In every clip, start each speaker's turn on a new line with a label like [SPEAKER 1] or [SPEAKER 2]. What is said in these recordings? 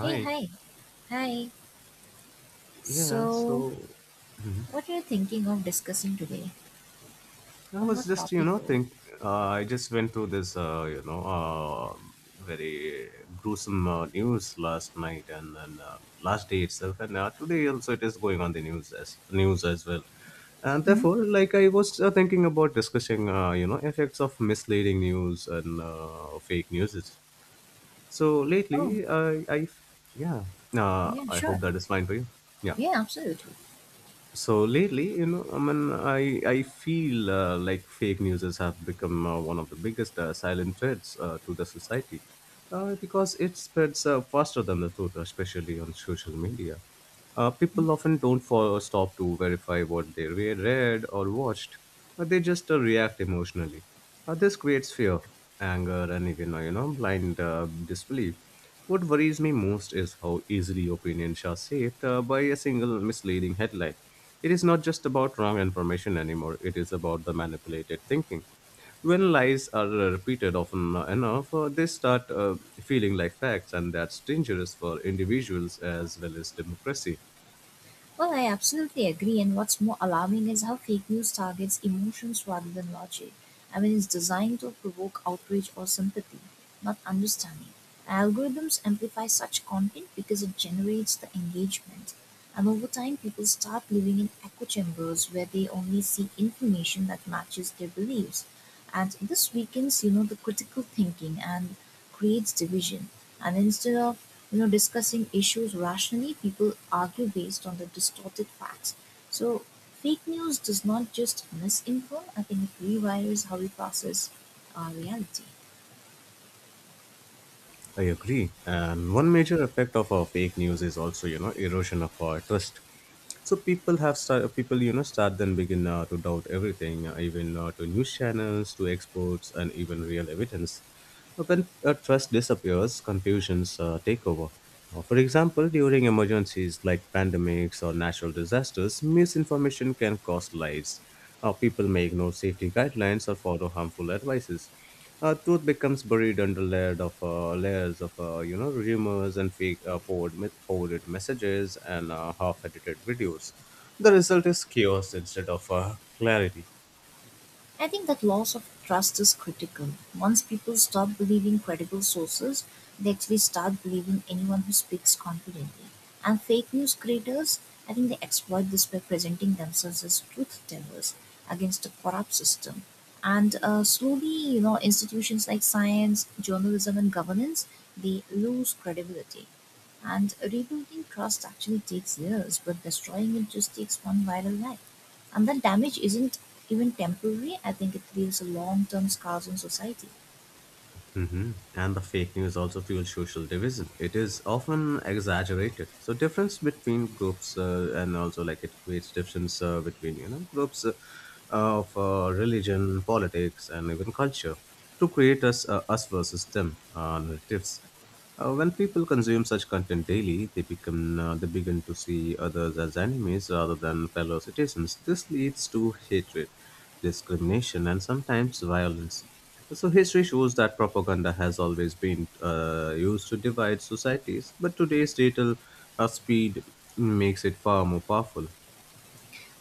[SPEAKER 1] Hey, hi. Hi.
[SPEAKER 2] Yeah,
[SPEAKER 1] So,
[SPEAKER 2] so. Mhm.
[SPEAKER 1] what are you thinking of discussing today?
[SPEAKER 2] I
[SPEAKER 1] On
[SPEAKER 2] was
[SPEAKER 1] what
[SPEAKER 2] just, you
[SPEAKER 1] topic,
[SPEAKER 2] know,
[SPEAKER 1] though?
[SPEAKER 2] think uh, I just went through this, very gruesome news last night and then last day itself, and today also it is going on the news as well. And
[SPEAKER 1] hmm
[SPEAKER 2] therefore, like I was thinking about discussing, effects of misleading news and fake news. So
[SPEAKER 1] Oh,
[SPEAKER 2] lately, yeah,
[SPEAKER 1] yeah,
[SPEAKER 2] I
[SPEAKER 1] sure.
[SPEAKER 2] hope that is fine for you. Yeah.
[SPEAKER 1] Yeah, absolutely.
[SPEAKER 2] So lately, I feel like fake newses have become one of the biggest silent threats to the society, because it spreads faster than the truth, especially on social media. People often don't follow, stop to verify what they read or watched, but they just react emotionally. This creates fear, anger, and even, you know, blind disbelief. What worries me most is how easily opinions are shaped by a single misleading headline. It is not just about wrong information anymore, it is about the manipulated thinking. When lies are repeated often enough, they start feeling like facts, and that's dangerous for individuals as well as democracy.
[SPEAKER 1] Well, I absolutely agree. And what's more alarming is how fake news targets emotions rather than logic. I mean, it's designed to provoke outrage or sympathy, not understanding. Algorithms amplify such content because it generates the engagement. And over time, people start living in echo chambers where they only see information that matches their beliefs. And this weakens, the critical thinking and creates division. And instead of discussing issues rationally, people argue based on the distorted facts. So fake news does not just misinform, I think it rewires how we process our reality.
[SPEAKER 2] I agree. And one major effect of fake news is also, you know, erosion of our trust. So people, you know, start then begin to doubt everything, even to news channels, to experts, and even real evidence. When trust disappears, confusions take over. For example, during emergencies like pandemics or natural disasters, misinformation can cost lives. People may ignore safety guidelines or follow harmful advices. Truth becomes buried under layered of layers of, you know, rumors and fake forwarded messages and half-edited videos. The result is chaos instead of clarity.
[SPEAKER 1] I think that loss of trust is critical. Once people stop believing credible sources, they actually start believing anyone who speaks confidently. And fake news creators, I think they exploit this by presenting themselves as truth tellers against a corrupt system. And slowly, you know, institutions like science, journalism, and governance, they lose credibility. And rebuilding trust actually takes years, but destroying it just takes one viral life. And that damage isn't even temporary, I think it leaves long-term scars on society.
[SPEAKER 2] Hmm. And the fake news also fuels social division. It is often exaggerated. So difference between groups and also, like, it creates difference between, you know, groups of religion, politics, and even culture to create us versus them narratives. When people consume such content daily, they begin to see others as enemies rather than fellow citizens. This leads to hatred, discrimination, and sometimes violence. So history shows that propaganda has always been used to divide societies, but today's digital speed makes it far more powerful.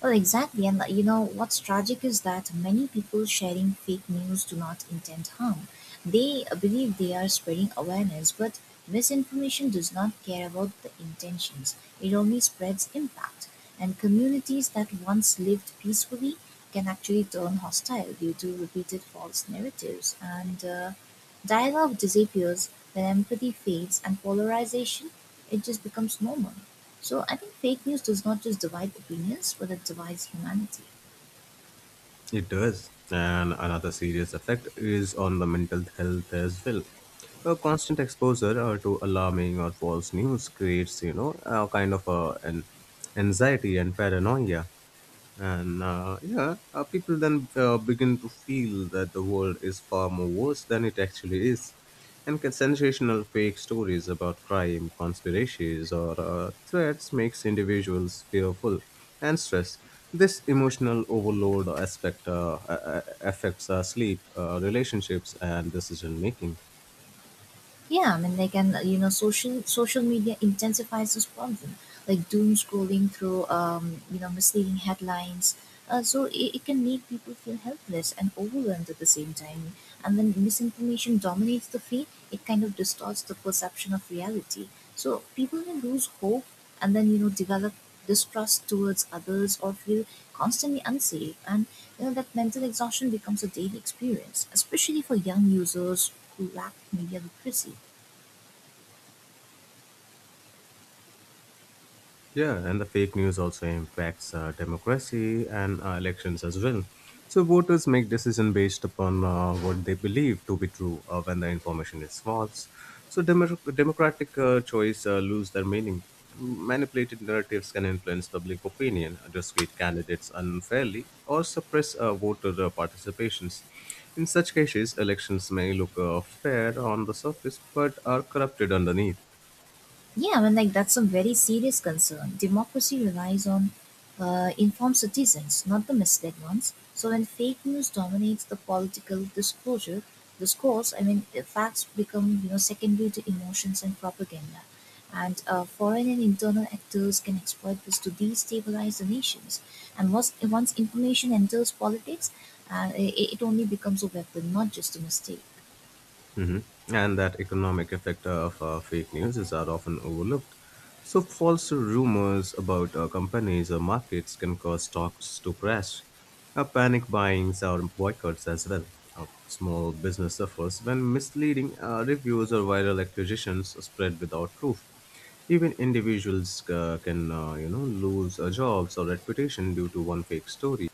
[SPEAKER 1] Well, exactly. And like, you know what's tragic is that many people sharing fake news do not intend harm. They believe they are spreading awareness, but misinformation does not care about the intentions. It only spreads impact. And communities that once lived peacefully can actually turn hostile due to repeated false narratives. And dialogue disappears when empathy fades, and polarization, it just becomes normal. So I think fake news does not just divide opinions, but it divides humanity.
[SPEAKER 2] It does. And another serious effect is on the mental health as well. A constant exposure to alarming or false news creates, you know, a kind of an anxiety and paranoia. And yeah, people then begin to feel that the world is far more worse than it actually is. And sensational fake stories about crime, conspiracies, or threats makes individuals fearful and stressed. This emotional overload aspect affects our sleep, relationships, and decision making.
[SPEAKER 1] Yeah, I mean, like, and you know, social media intensifies this problem, like doom scrolling through, you know, misleading headlines. So it can make people feel helpless and overwhelmed at the same time. And when misinformation dominates the feed, it kind of distorts the perception of reality. So people may lose hope and then develop distrust towards others or feel constantly unsafe. And you know that mental exhaustion becomes a daily experience, especially for young users who lack media literacy.
[SPEAKER 2] Yeah, and the fake news also impacts democracy and elections as well. So voters make decision based upon what they believe to be true when the information is false. So democratic choice lose their meaning. Manipulated narratives can influence public opinion, discredit candidates unfairly, or suppress voter participations. In such cases, elections may look fair on the surface but are corrupted underneath.
[SPEAKER 1] Yeah, I mean, like that's a very serious concern. Democracy relies on informed citizens, not the misled ones. So when fake news dominates the political disclosure discourse, I mean, the facts become secondary to emotions and propaganda, and foreign and internal actors can exploit this to destabilize the nations. And once information enters politics, it only becomes a weapon, not just a mistake.
[SPEAKER 2] Mhm. And that economic effect of fake news is are often overlooked. So false rumors about companies or markets can cause stocks to crash. Panic buyings or boycotts as well. Small business suffers when misleading reviews or viral accusations are spread without proof. Even individuals can, lose jobs or reputation due to one fake story.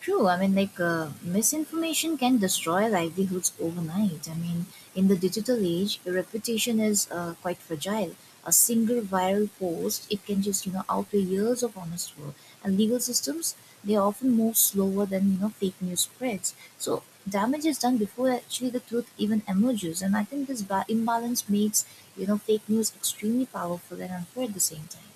[SPEAKER 1] True. I mean, like misinformation can destroy livelihoods overnight. I mean, in the digital age, your reputation is quite fragile. A single viral post, it can just outweigh years of honest work. And legal systems, they often move slower than fake news spreads. So damage is done before actually the truth even emerges. And I think this imbalance makes fake news extremely powerful and unfair at the same time.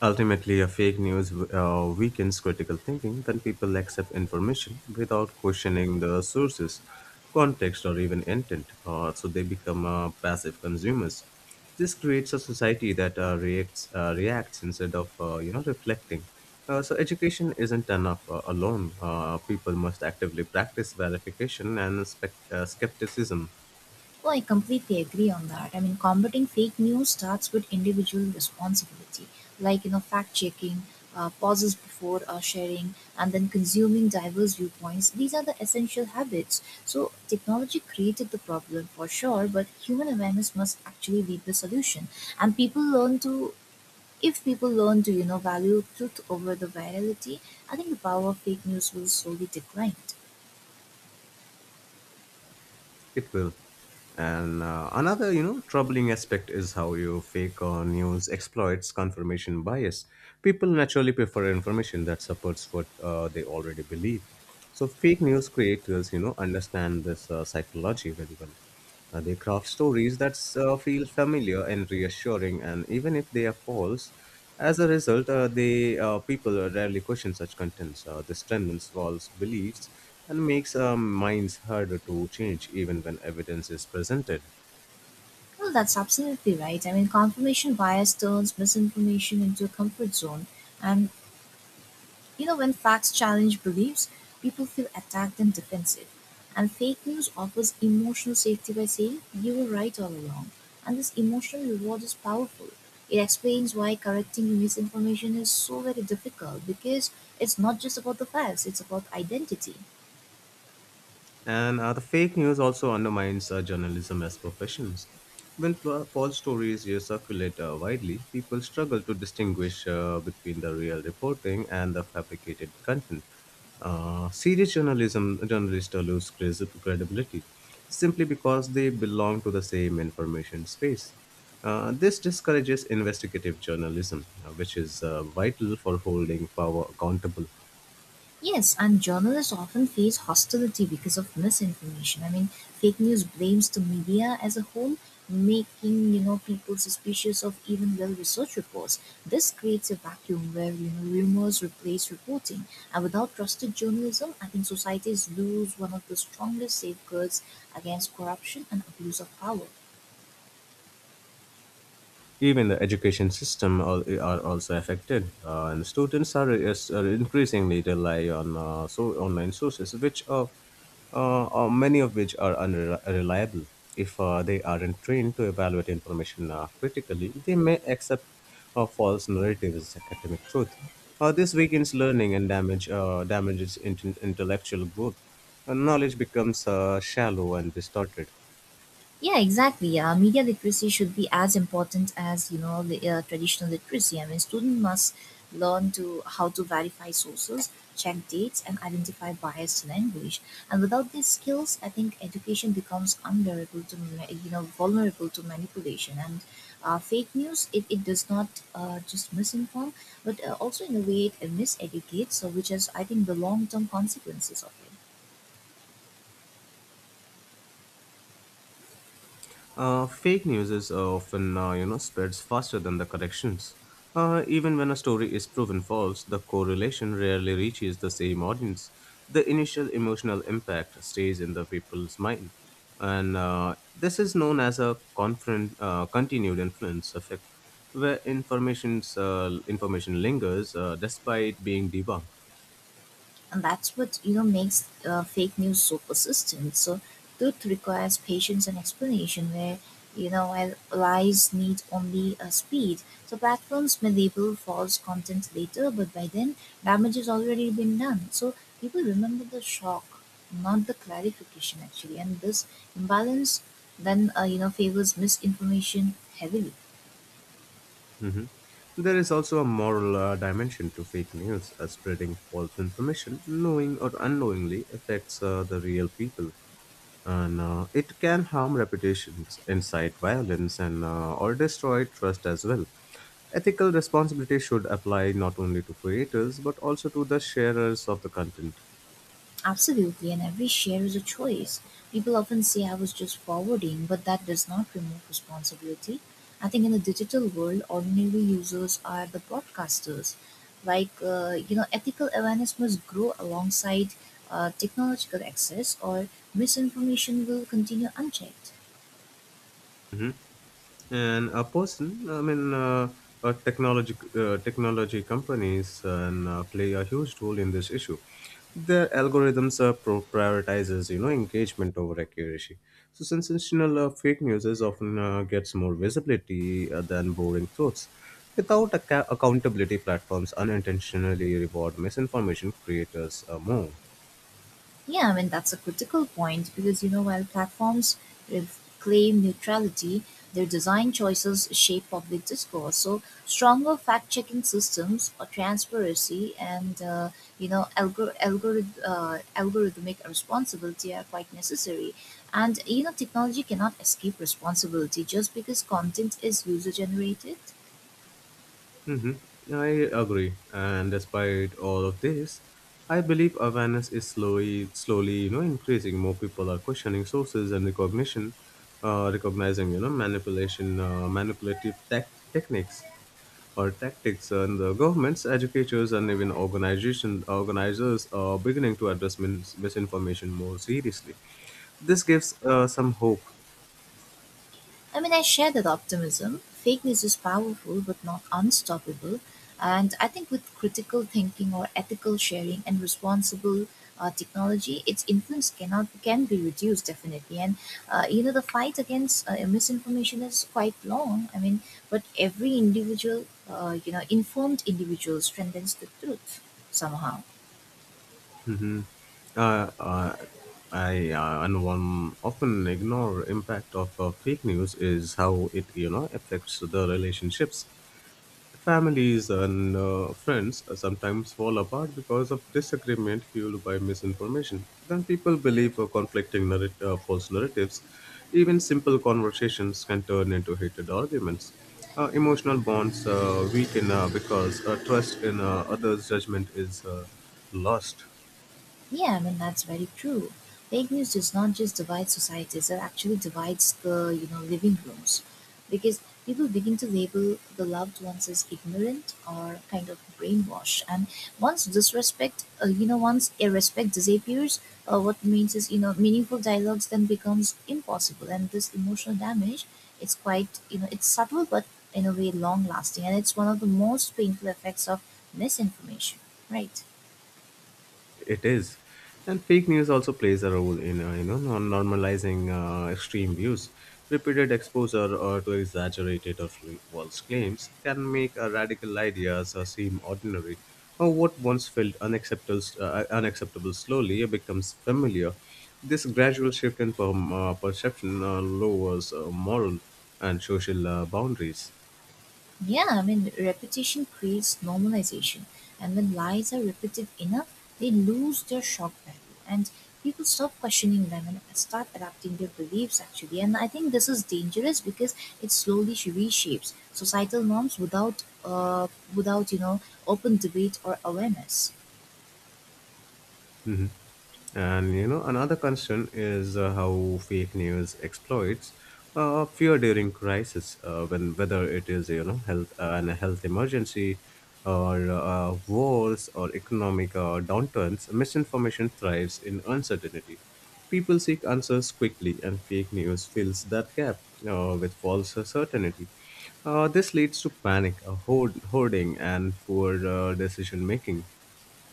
[SPEAKER 2] Ultimately, a fake news weakens critical thinking, then people accept information without questioning the sources, context, or even intent, so they become passive consumers. This creates a society that reacts instead of, you know, reflecting. So education isn't enough alone. People must actively practice verification and skepticism.
[SPEAKER 1] Oh, I completely agree on that. I mean, combating fake news starts with individual responsibility, like you know, fact checking, pauses before sharing, and then consuming diverse viewpoints. These are the essential habits. So, technology created the problem for sure, but human awareness must actually be the solution. And if people learn to, you know, value truth over the virality, I think the power of fake news will slowly decline.
[SPEAKER 2] It will. And another, you know, troubling aspect is how you fake or news exploits confirmation bias. People naturally prefer information that supports what they already believe. So fake news creators, you know, understand this psychology very well. They craft stories that feel familiar and reassuring, and even if they are false, as a result, they people rarely question such contents. This strengthens false beliefs and makes minds harder to change, even when evidence is presented.
[SPEAKER 1] Well, that's absolutely right. I mean, confirmation bias turns misinformation into a comfort zone. And, you know, when facts challenge beliefs, people feel attacked and defensive. And fake news offers emotional safety by saying, you were right all along. And this emotional reward is powerful. It explains why correcting misinformation is so very difficult because it's not just about the facts, it's about identity.
[SPEAKER 2] And the fake news also undermines journalism as professions. When fla false stories circulate widely, people struggle to distinguish between the real reporting and the fabricated content. Serious journalism journalists lose credibility simply because they belong to the same information space. This discourages investigative journalism, which is vital for holding power accountable.
[SPEAKER 1] Yes, and journalists often face hostility because of misinformation. I mean, fake news blames the media as a whole, making people suspicious of even well-researched reports. This creates a vacuum where rumors replace reporting, and without trusted journalism, I think societies lose one of the strongest safeguards against corruption and abuse of power.
[SPEAKER 2] Even the education system are also affected, and students are increasingly rely on so online sources, which are, many of which are unreliable. If they aren't trained to evaluate information critically, they may accept false narratives as academic truth. This weakens learning and damages intellectual growth. And knowledge becomes shallow and distorted.
[SPEAKER 1] Yeah, exactly. Media literacy should be as important as traditional literacy. I mean, student must learn to how to verify sources, check dates, and identify biased language. And without these skills, I think education becomes vulnerable to you know vulnerable to manipulation and fake news. It does not just misinform, but also in a way it miseducates. So, which is I think the long term consequences of it.
[SPEAKER 2] Fake news is often, spreads faster than the corrections. Even when a story is proven false, the correlation rarely reaches the same audience. The initial emotional impact stays in the people's mind, and this is known as a continued influence effect, where information lingers despite being debunked.
[SPEAKER 1] And that's what you know makes fake news so persistent. So truth requires patience and explanation, where you know while lies need only a speed. So platforms may label false content later, but by then damage has already been done. So people remember the shock, not the clarification actually. And this imbalance then you know favors misinformation heavily.
[SPEAKER 2] Mhm. There is also a moral dimension to fake news. Spreading false information, knowing or unknowingly, affects the real people, and it can harm reputations, incite violence, and or destroy trust as well. Ethical responsibility should apply not only to creators but also to the sharers of the content.
[SPEAKER 1] Absolutely, and every share is a choice. People often say I was just forwarding, but that does not remove responsibility. I think in the digital world, ordinary users are the broadcasters. Like, you know, ethical awareness must grow alongside technological access, or misinformation will continue unchecked.
[SPEAKER 2] Mm-hmm. And a person I mean technology technology companies and play a huge role in this issue. Their algorithms prioritizes, you know, engagement over accuracy, so sensational fake news is often gets more visibility than boring truths. Without accountability, platforms unintentionally reward misinformation creators more.
[SPEAKER 1] Yeah, I mean, that's a critical point because, you know, while platforms if claim neutrality, their design choices shape public discourse. So, stronger fact checking systems or transparency and, you know, algorithmic responsibility are quite necessary. And, you know, technology cannot escape responsibility just because content is user generated.
[SPEAKER 2] Mm-hmm. I agree, and despite all of this, I believe awareness is slowly, slowly, you know, increasing. More people are questioning sources and recognizing, you know, manipulative techniques or tactics, and the governments, educators, and even organization organizers are beginning to address misinformation more seriously. This gives some hope.
[SPEAKER 1] I mean, I share that optimism. Fake news is powerful but not unstoppable. And I think with critical thinking or ethical sharing and responsible technology, its influence cannot can be reduced definitely. And you know, the fight against misinformation is quite long. I mean, but every individual, you know, informed individual strengthens the truth somehow.
[SPEAKER 2] Hmm. Uh, uh, I and one often ignore impact of fake news is how it, you know, affects the relationships. Families and friends sometimes fall apart because of disagreement fueled by misinformation. Then people believe false narratives. Even simple conversations can turn into heated arguments. Emotional bonds weaken because trust in others' judgment is lost.
[SPEAKER 1] Yeah, I mean that's very true. Fake news does not just divide societies; it actually divides the you know living rooms, because people begin to label the loved ones as ignorant or kind of brainwashed. And once disrespect, you know, once irrespect disappears, what remains is you know meaningful dialogues then becomes impossible. And this emotional damage, it's quite you know it's subtle but in a way long lasting, and it's one of the most painful effects of misinformation. Right.
[SPEAKER 2] It is, and fake news also plays a role in, you know, normalizing extreme views. Repeated exposure or to exaggerated or false claims can make radical ideas seem ordinary, or what once unacceptable slowly becomes familiar. This gradual shift in perception lowers moral and social boundaries.
[SPEAKER 1] Yeah, I mean, repetition creates normalization. And when lies are repeated enough, they lose their shock value. And people stop questioning them and start adapting their beliefs, actually. And I think this is dangerous because it slowly reshapes societal norms without, you know, open debate or awareness.
[SPEAKER 2] And, you know, another concern is how fake news exploits fear during crisis, when whether it is, you know, health emergency, or wars or economic downturns. Misinformation thrives in uncertainty. People seek answers quickly, and fake news fills that gap with false certainty. This leads to panic, hoarding, and poor decision making.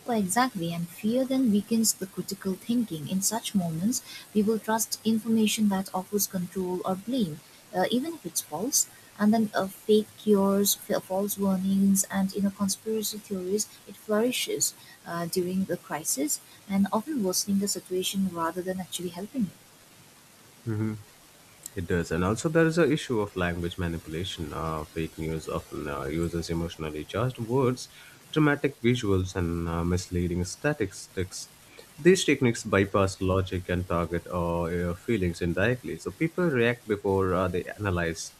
[SPEAKER 1] Well, exactly, and fear then weakens the critical thinking. In such moments, we will trust information that offers control or blame, even if it's false. And then fake cures, false warnings, and you know conspiracy theories. It flourishes during the crisis and often worsening the situation rather than actually helping it.
[SPEAKER 2] It does, and also there is a issue of language manipulation. Fake news often uses emotionally charged words, dramatic visuals, and misleading statistics. These techniques bypass logic and target your feelings indirectly, so people react before they analyze.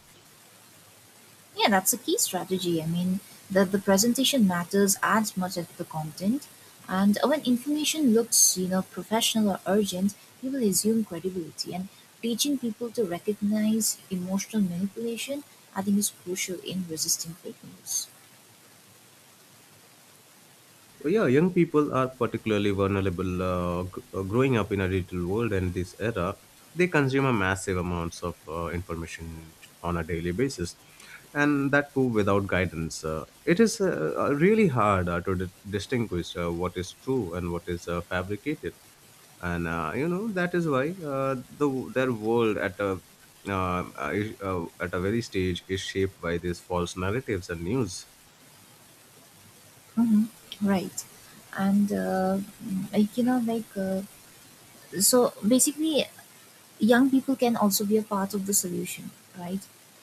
[SPEAKER 1] Yeah, that's a key strategy. I mean, the presentation matters as much as the content. And when information looks, you know, professional or urgent, people assume credibility. And teaching people to recognize emotional manipulation, I think, is crucial in resisting fake news.
[SPEAKER 2] Yeah, young people are particularly vulnerable, growing up in a digital world and this era. They consume a massive amounts of information on a daily basis, and that too without guidance. It is really hard to distinguish what is true and what is fabricated, and, you know, that is why the their world at a very stage is shaped by these false narratives and news.
[SPEAKER 1] hmm Right. And, like, you know, so basically, young people can also be a part of the solution, right?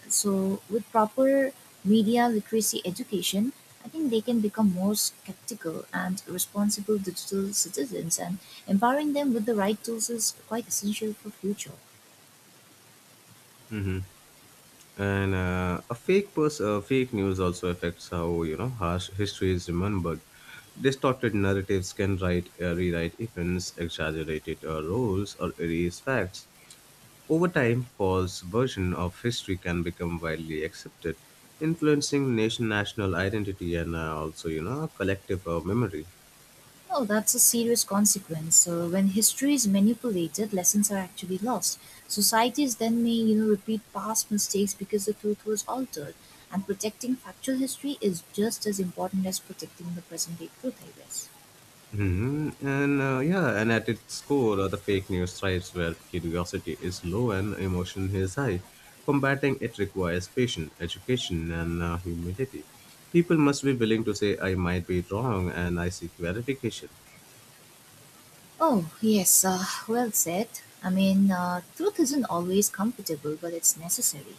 [SPEAKER 1] So, with proper media literacy education, I think they can become more skeptical and responsible digital citizens, and empowering them with the right tools is quite essential for future.
[SPEAKER 2] Mm-hmm. and fake news also affects how harsh history is remembered. Distorted narratives can write rewrite events, exaggerated roles, or erase facts. Over time, false version of history can become widely accepted, influencing national identity and also collective memory.
[SPEAKER 1] No, that's a serious consequence. So when history is manipulated, lessons are actually lost. Societies then may, you know, repeat past mistakes because the truth was altered. And protecting factual history is just as important as protecting the present day truth, I guess.
[SPEAKER 2] And at its core, the fake news thrives where curiosity is low and emotion is high. Combating it requires patience, education, and humility. People must be willing to say, I might be wrong and I seek verification.
[SPEAKER 1] Oh, yes, well said. I mean, truth isn't always comfortable, but it's necessary.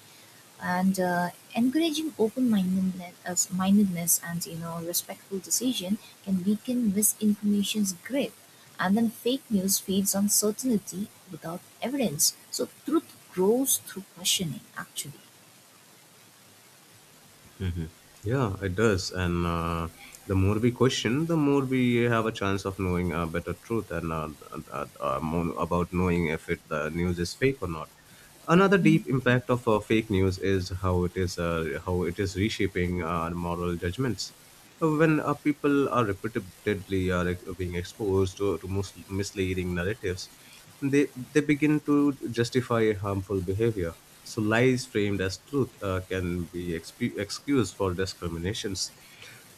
[SPEAKER 1] And encouraging open-mindedness mindedness and, you know, respectful decision can weaken misinformation's grip. And then fake news feeds on certainty without evidence. So truth grows through questioning, actually.
[SPEAKER 2] hmm Yeah, it does. And the more we question, the more we have a chance of knowing a better truth and more about knowing if the news is fake or not. Another deep impact of fake news is how it is reshaping our moral judgments when people are repeatedly being exposed to misleading narratives. They begin to justify harmful behavior, so lies framed as truth can be excuse for discriminations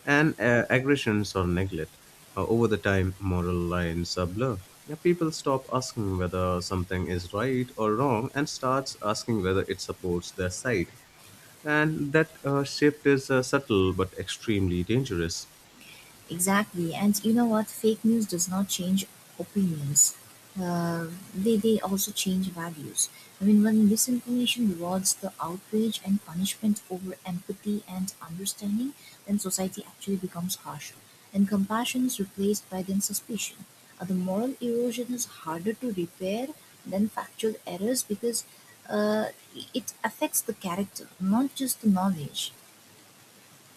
[SPEAKER 2] and aggressions or neglect. Over the time, moral lines are blurred. Now, people stop asking whether something is right or wrong and starts asking whether it supports their side, and that shift is subtle but extremely dangerous.
[SPEAKER 1] Exactly. And you know what? Fake news does not change opinions. Uh, they also change values. I mean, when misinformation rewards the outrage and punishment over empathy and understanding, then society actually becomes harsher. And compassion is replaced by then suspicion. The moral erosion is harder to repair than factual errors because uh, it affects the character, not just the knowledge.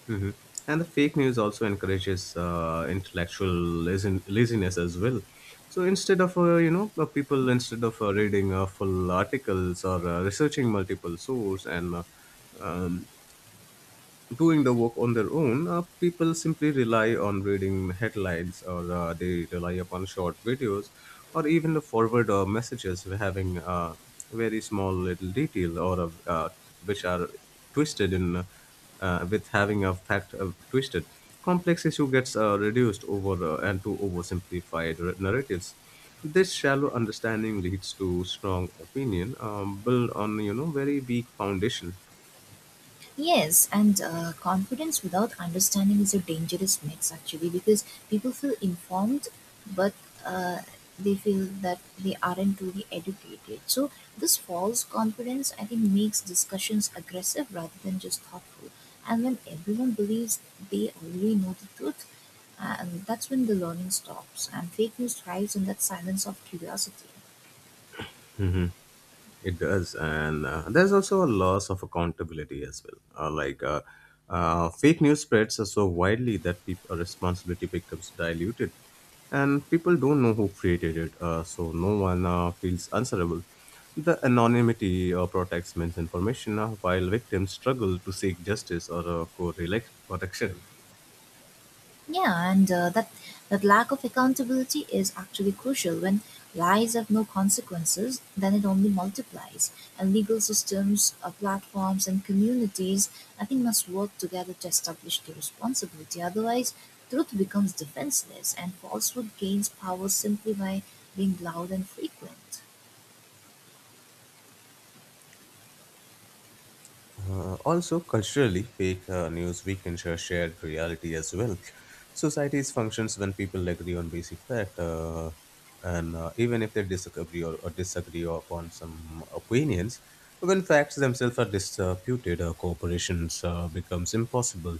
[SPEAKER 2] hmm And the fake news also encourages intellectual laziness as well. So instead of you know people instead of reading full articles or researching multiple sources, and um, doing the work on their own, people simply rely on reading headlines, or they rely upon short videos, or even the forward messages having a very small little detail, or which are twisted in, with having a fact twisted. Complex issue gets reduced over and to oversimplified r- narratives. This shallow understanding leads to strong opinion built on very weak foundation.
[SPEAKER 1] Yes, and confidence without understanding is a dangerous mix actually because people feel informed but uh, they feel that they aren't truly educated. So, this false confidence I think makes discussions aggressive rather than just thoughtful. And when everyone believes they already know the truth, and that's when the learning stops and fake news thrives in that silence of curiosity.
[SPEAKER 2] Mhm. It does, and there's also a loss of accountability as well. Fake news spreads are so widely that responsibility becomes diluted, and people don't know who created it, so no one feels answerable. The anonymity protects misinformation, while victims struggle to seek justice or co-correction.
[SPEAKER 1] Yeah, and uh, that lack of accountability is actually crucial. When lies have no consequences, then it only multiplies. And legal systems, platforms, and communities, I think, must work together to establish the responsibility. Otherwise, truth becomes defenseless, and falsehood gains power simply by being loud and frequent.
[SPEAKER 2] Also, culturally, fake news weakens a shared reality as well. Societies functions when people agree on basic fact, and even if they disagree or disagree upon some opinions. When facts themselves are disputed, cooperations becomes impossible,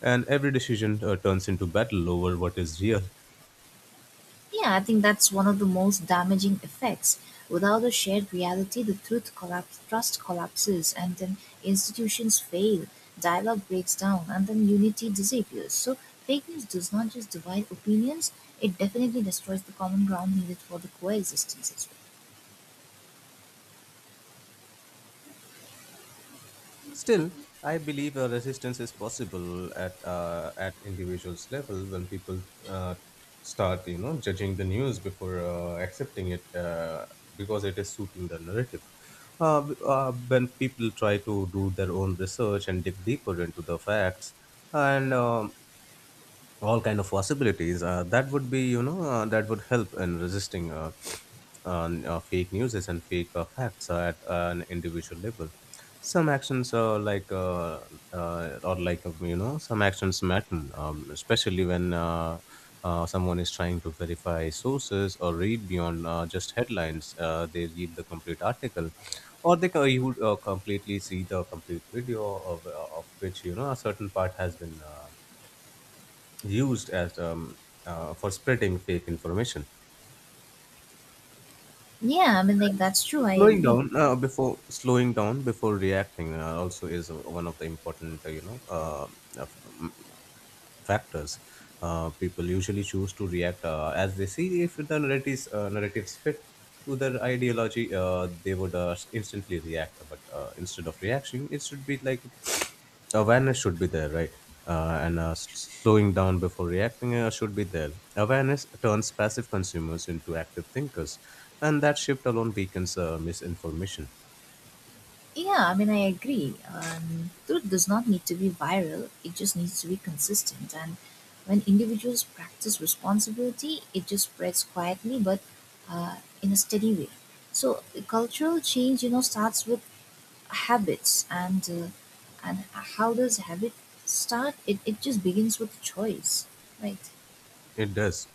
[SPEAKER 2] and every decision turns into battle over what is real.
[SPEAKER 1] Yeah, I think that's one of the most damaging effects. Without a shared reality, the truth collapse, trust collapses, and then institutions fail, dialogue breaks down, and then unity disappears. So, fake news does not just divide opinions, it definitely destroys the common ground needed for the coexistence as well.
[SPEAKER 2] Still, I believe a resistance is possible at individuals level, when people start, judging the news before accepting it because it is suiting the narrative. When people try to do their own research and dig deeper into the facts, and all kind of possibilities that would be that would help in resisting fake news and fake facts at an individual level. Some actions are like some actions matter, especially when someone is trying to verify sources or read beyond just headlines. They read the complete article, or you would completely see the complete video of which a certain part has been used as for spreading fake information.
[SPEAKER 1] Yeah, I mean, like, that's true, I
[SPEAKER 2] Slowing
[SPEAKER 1] agree.
[SPEAKER 2] down before slowing down before reacting also is one of the important of- m- factors. People usually choose to react as they see if the narratives fit to their ideology. They would instantly react, but instead of reaction, it should be like awareness should be there, right? uh, and uh, s- Slowing down before reacting should be there. Awareness turns passive consumers into active thinkers, and that shift alone weakens misinformation.
[SPEAKER 1] Yeah, I mean, I agree. Truth does not need to be viral, it just needs to be consistent. And when individuals practice responsibility, it just spreads quietly but in a steady way. So, the cultural change, you know, starts with habits. And how does habit start? It just begins with choice, right?
[SPEAKER 2] It does.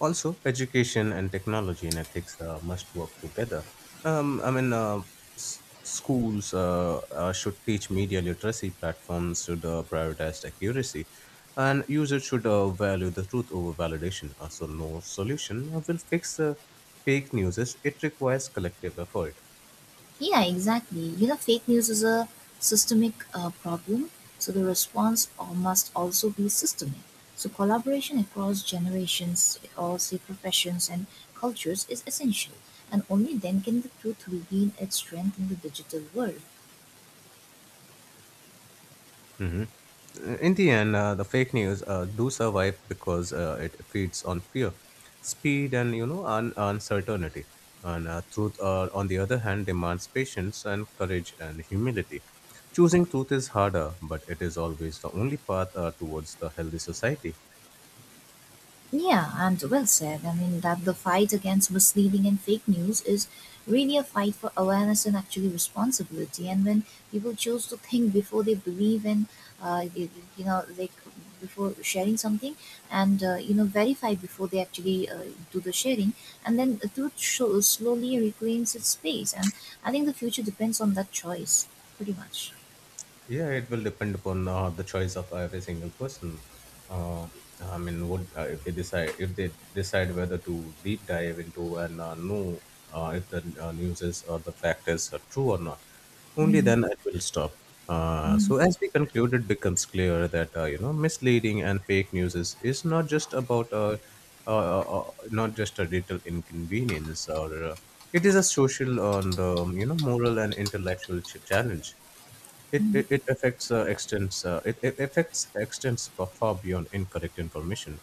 [SPEAKER 2] Also, education and technology and ethics must work together. I mean, schools should teach media literacy, platforms should prioritize accuracy, and users should value the truth over validation. So, no solution will fix fake news. It requires collective effort.
[SPEAKER 1] Yeah, exactly. You know, fake news is a systemic problem, so the response must also be systemic. So, collaboration across generations, across the professions and cultures is essential, and only then can the truth regain its strength in the digital world.
[SPEAKER 2] hmm In the end, the fake news do survive because it feeds on fear, speed, and uncertainty. And truth, on the other hand, demands patience and courage and humility. Choosing truth is harder, but it is always the only path towards the healthy society.
[SPEAKER 1] Yeah, and well said. I mean, that the fight against misleading and fake news is really a fight for awareness and actually responsibility. And when people choose to think before they believe and, uh, you, you know, like before sharing something and, you know, verify before they actually do the sharing, and then the truth slowly reclaims its space. And I think the future depends on that choice, pretty much.
[SPEAKER 2] Yeah, it will depend upon the choice of every single person. Uh, I mean, what if they decide whether to deep dive into and know if the news is or the fact is true or not? Only
[SPEAKER 1] Hmm.
[SPEAKER 2] then it will stop.
[SPEAKER 1] Hmm.
[SPEAKER 2] So as we conclude, it becomes clear that misleading and fake news is not just about not just a little inconvenience, or it is a social and moral and intellectual challenge. It affects extends it, it affects, extends far beyond incorrect information.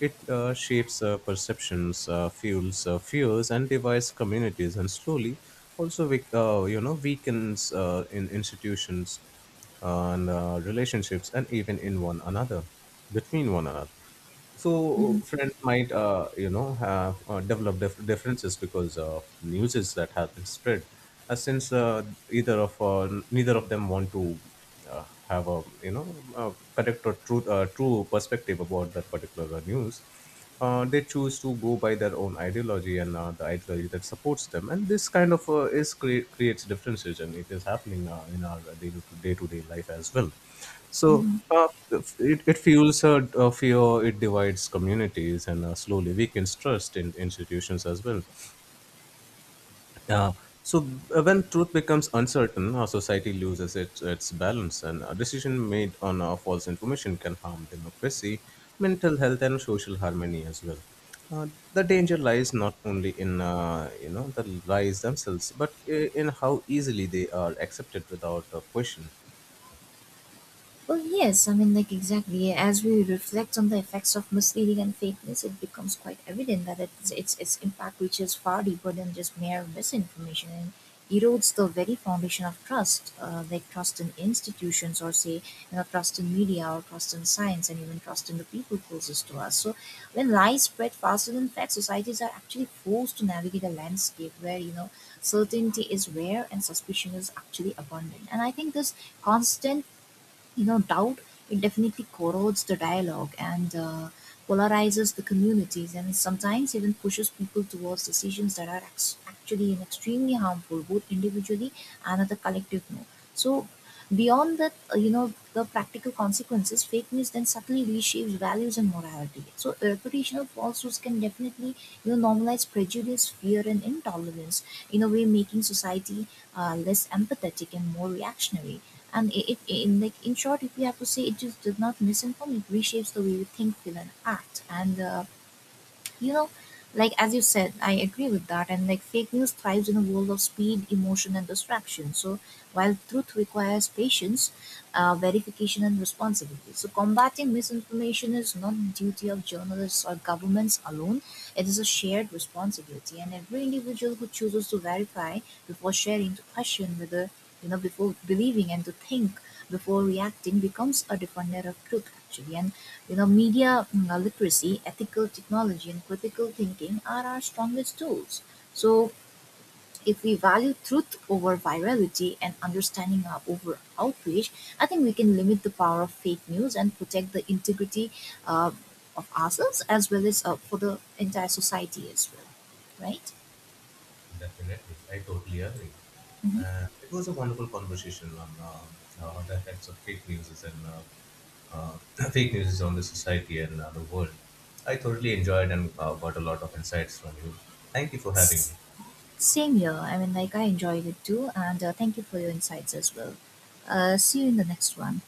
[SPEAKER 2] It shapes perceptions, fuels fears, and divides communities, and slowly also we weakens in institutions and relationships, and even in one another, between one another. So
[SPEAKER 1] Hmm.
[SPEAKER 2] friends might, have developed differences because of news that has been spread, since either of neither of them want to have a a correct or truth true perspective about that particular news. They choose to go by their own ideology, and the ideology that supports them, and this kind of creates differences, and it is happening in our day to day life as well. so
[SPEAKER 1] Hmm.
[SPEAKER 2] uh, it fuels fear, it divides communities, and slowly weakens trust in institutions as well. uh, when truth becomes uncertain, our society loses its balance, and a decision made on false information can harm democracy, mental health, and social harmony as well. Uh, the danger lies not only in the lies themselves, but in how easily they are accepted without a question.
[SPEAKER 1] Well, yes, I mean, like, exactly. Yeah, as we reflect on the effects of misleading and fake news, it becomes quite evident that its impact reaches far deeper than just mere misinformation and erodes the very foundation of trust, like trust in institutions, or say, you know, trust in media, or trust in science, and even trust in the people closest to us. So, when lies spread faster than facts, societies are actually forced to navigate a landscape where, you know, certainty is rare and suspicion is actually abundant. And I think this constant, you know, doubt, it definitely corrodes the dialogue and polarizes the communities and sometimes even pushes people towards decisions that are actually and extremely harmful, both individually and at the collective no. So beyond that, you know, the practical consequences, fake news then subtly reshapes values and morality. So reputational falsehoods can definitely, you know, normalize prejudice, fear and intolerance, in a way making society less empathetic and more reactionary. And it, in like in short, if we have to say, it just does not misinform, it reshapes the way we think, feel and act. And you know, like as you said, I agree with that. And like, fake news thrives in a world of speed, emotion and distraction. So while truth requires patience, verification and responsibility, so combating misinformation is not the duty of journalists or governments alone. It is a shared responsibility, and every individual who chooses to verify before sharing, to question whether, you know, before believing, and to think before reacting becomes a defender of truth, actually. And you know, media literacy, ethical technology and critical thinking are our strongest tools. So, if we value truth over virality and understanding our over outreach, I think we can limit the power of fake news and protect the integrity uh, of ourselves as well as for the entire society as well. Right?
[SPEAKER 2] Definitely, I totally agree.
[SPEAKER 1] Hmm.
[SPEAKER 2] And it was a wonderful conversation on the effects of fake news, and uh, fake news is on the society and the world. I thoroughly enjoyed and got a lot of insights from you. Thank you for having
[SPEAKER 1] S-
[SPEAKER 2] me.
[SPEAKER 1] Same here. I mean, like I enjoyed it too, and thank you for your insights as well. See you in the next one.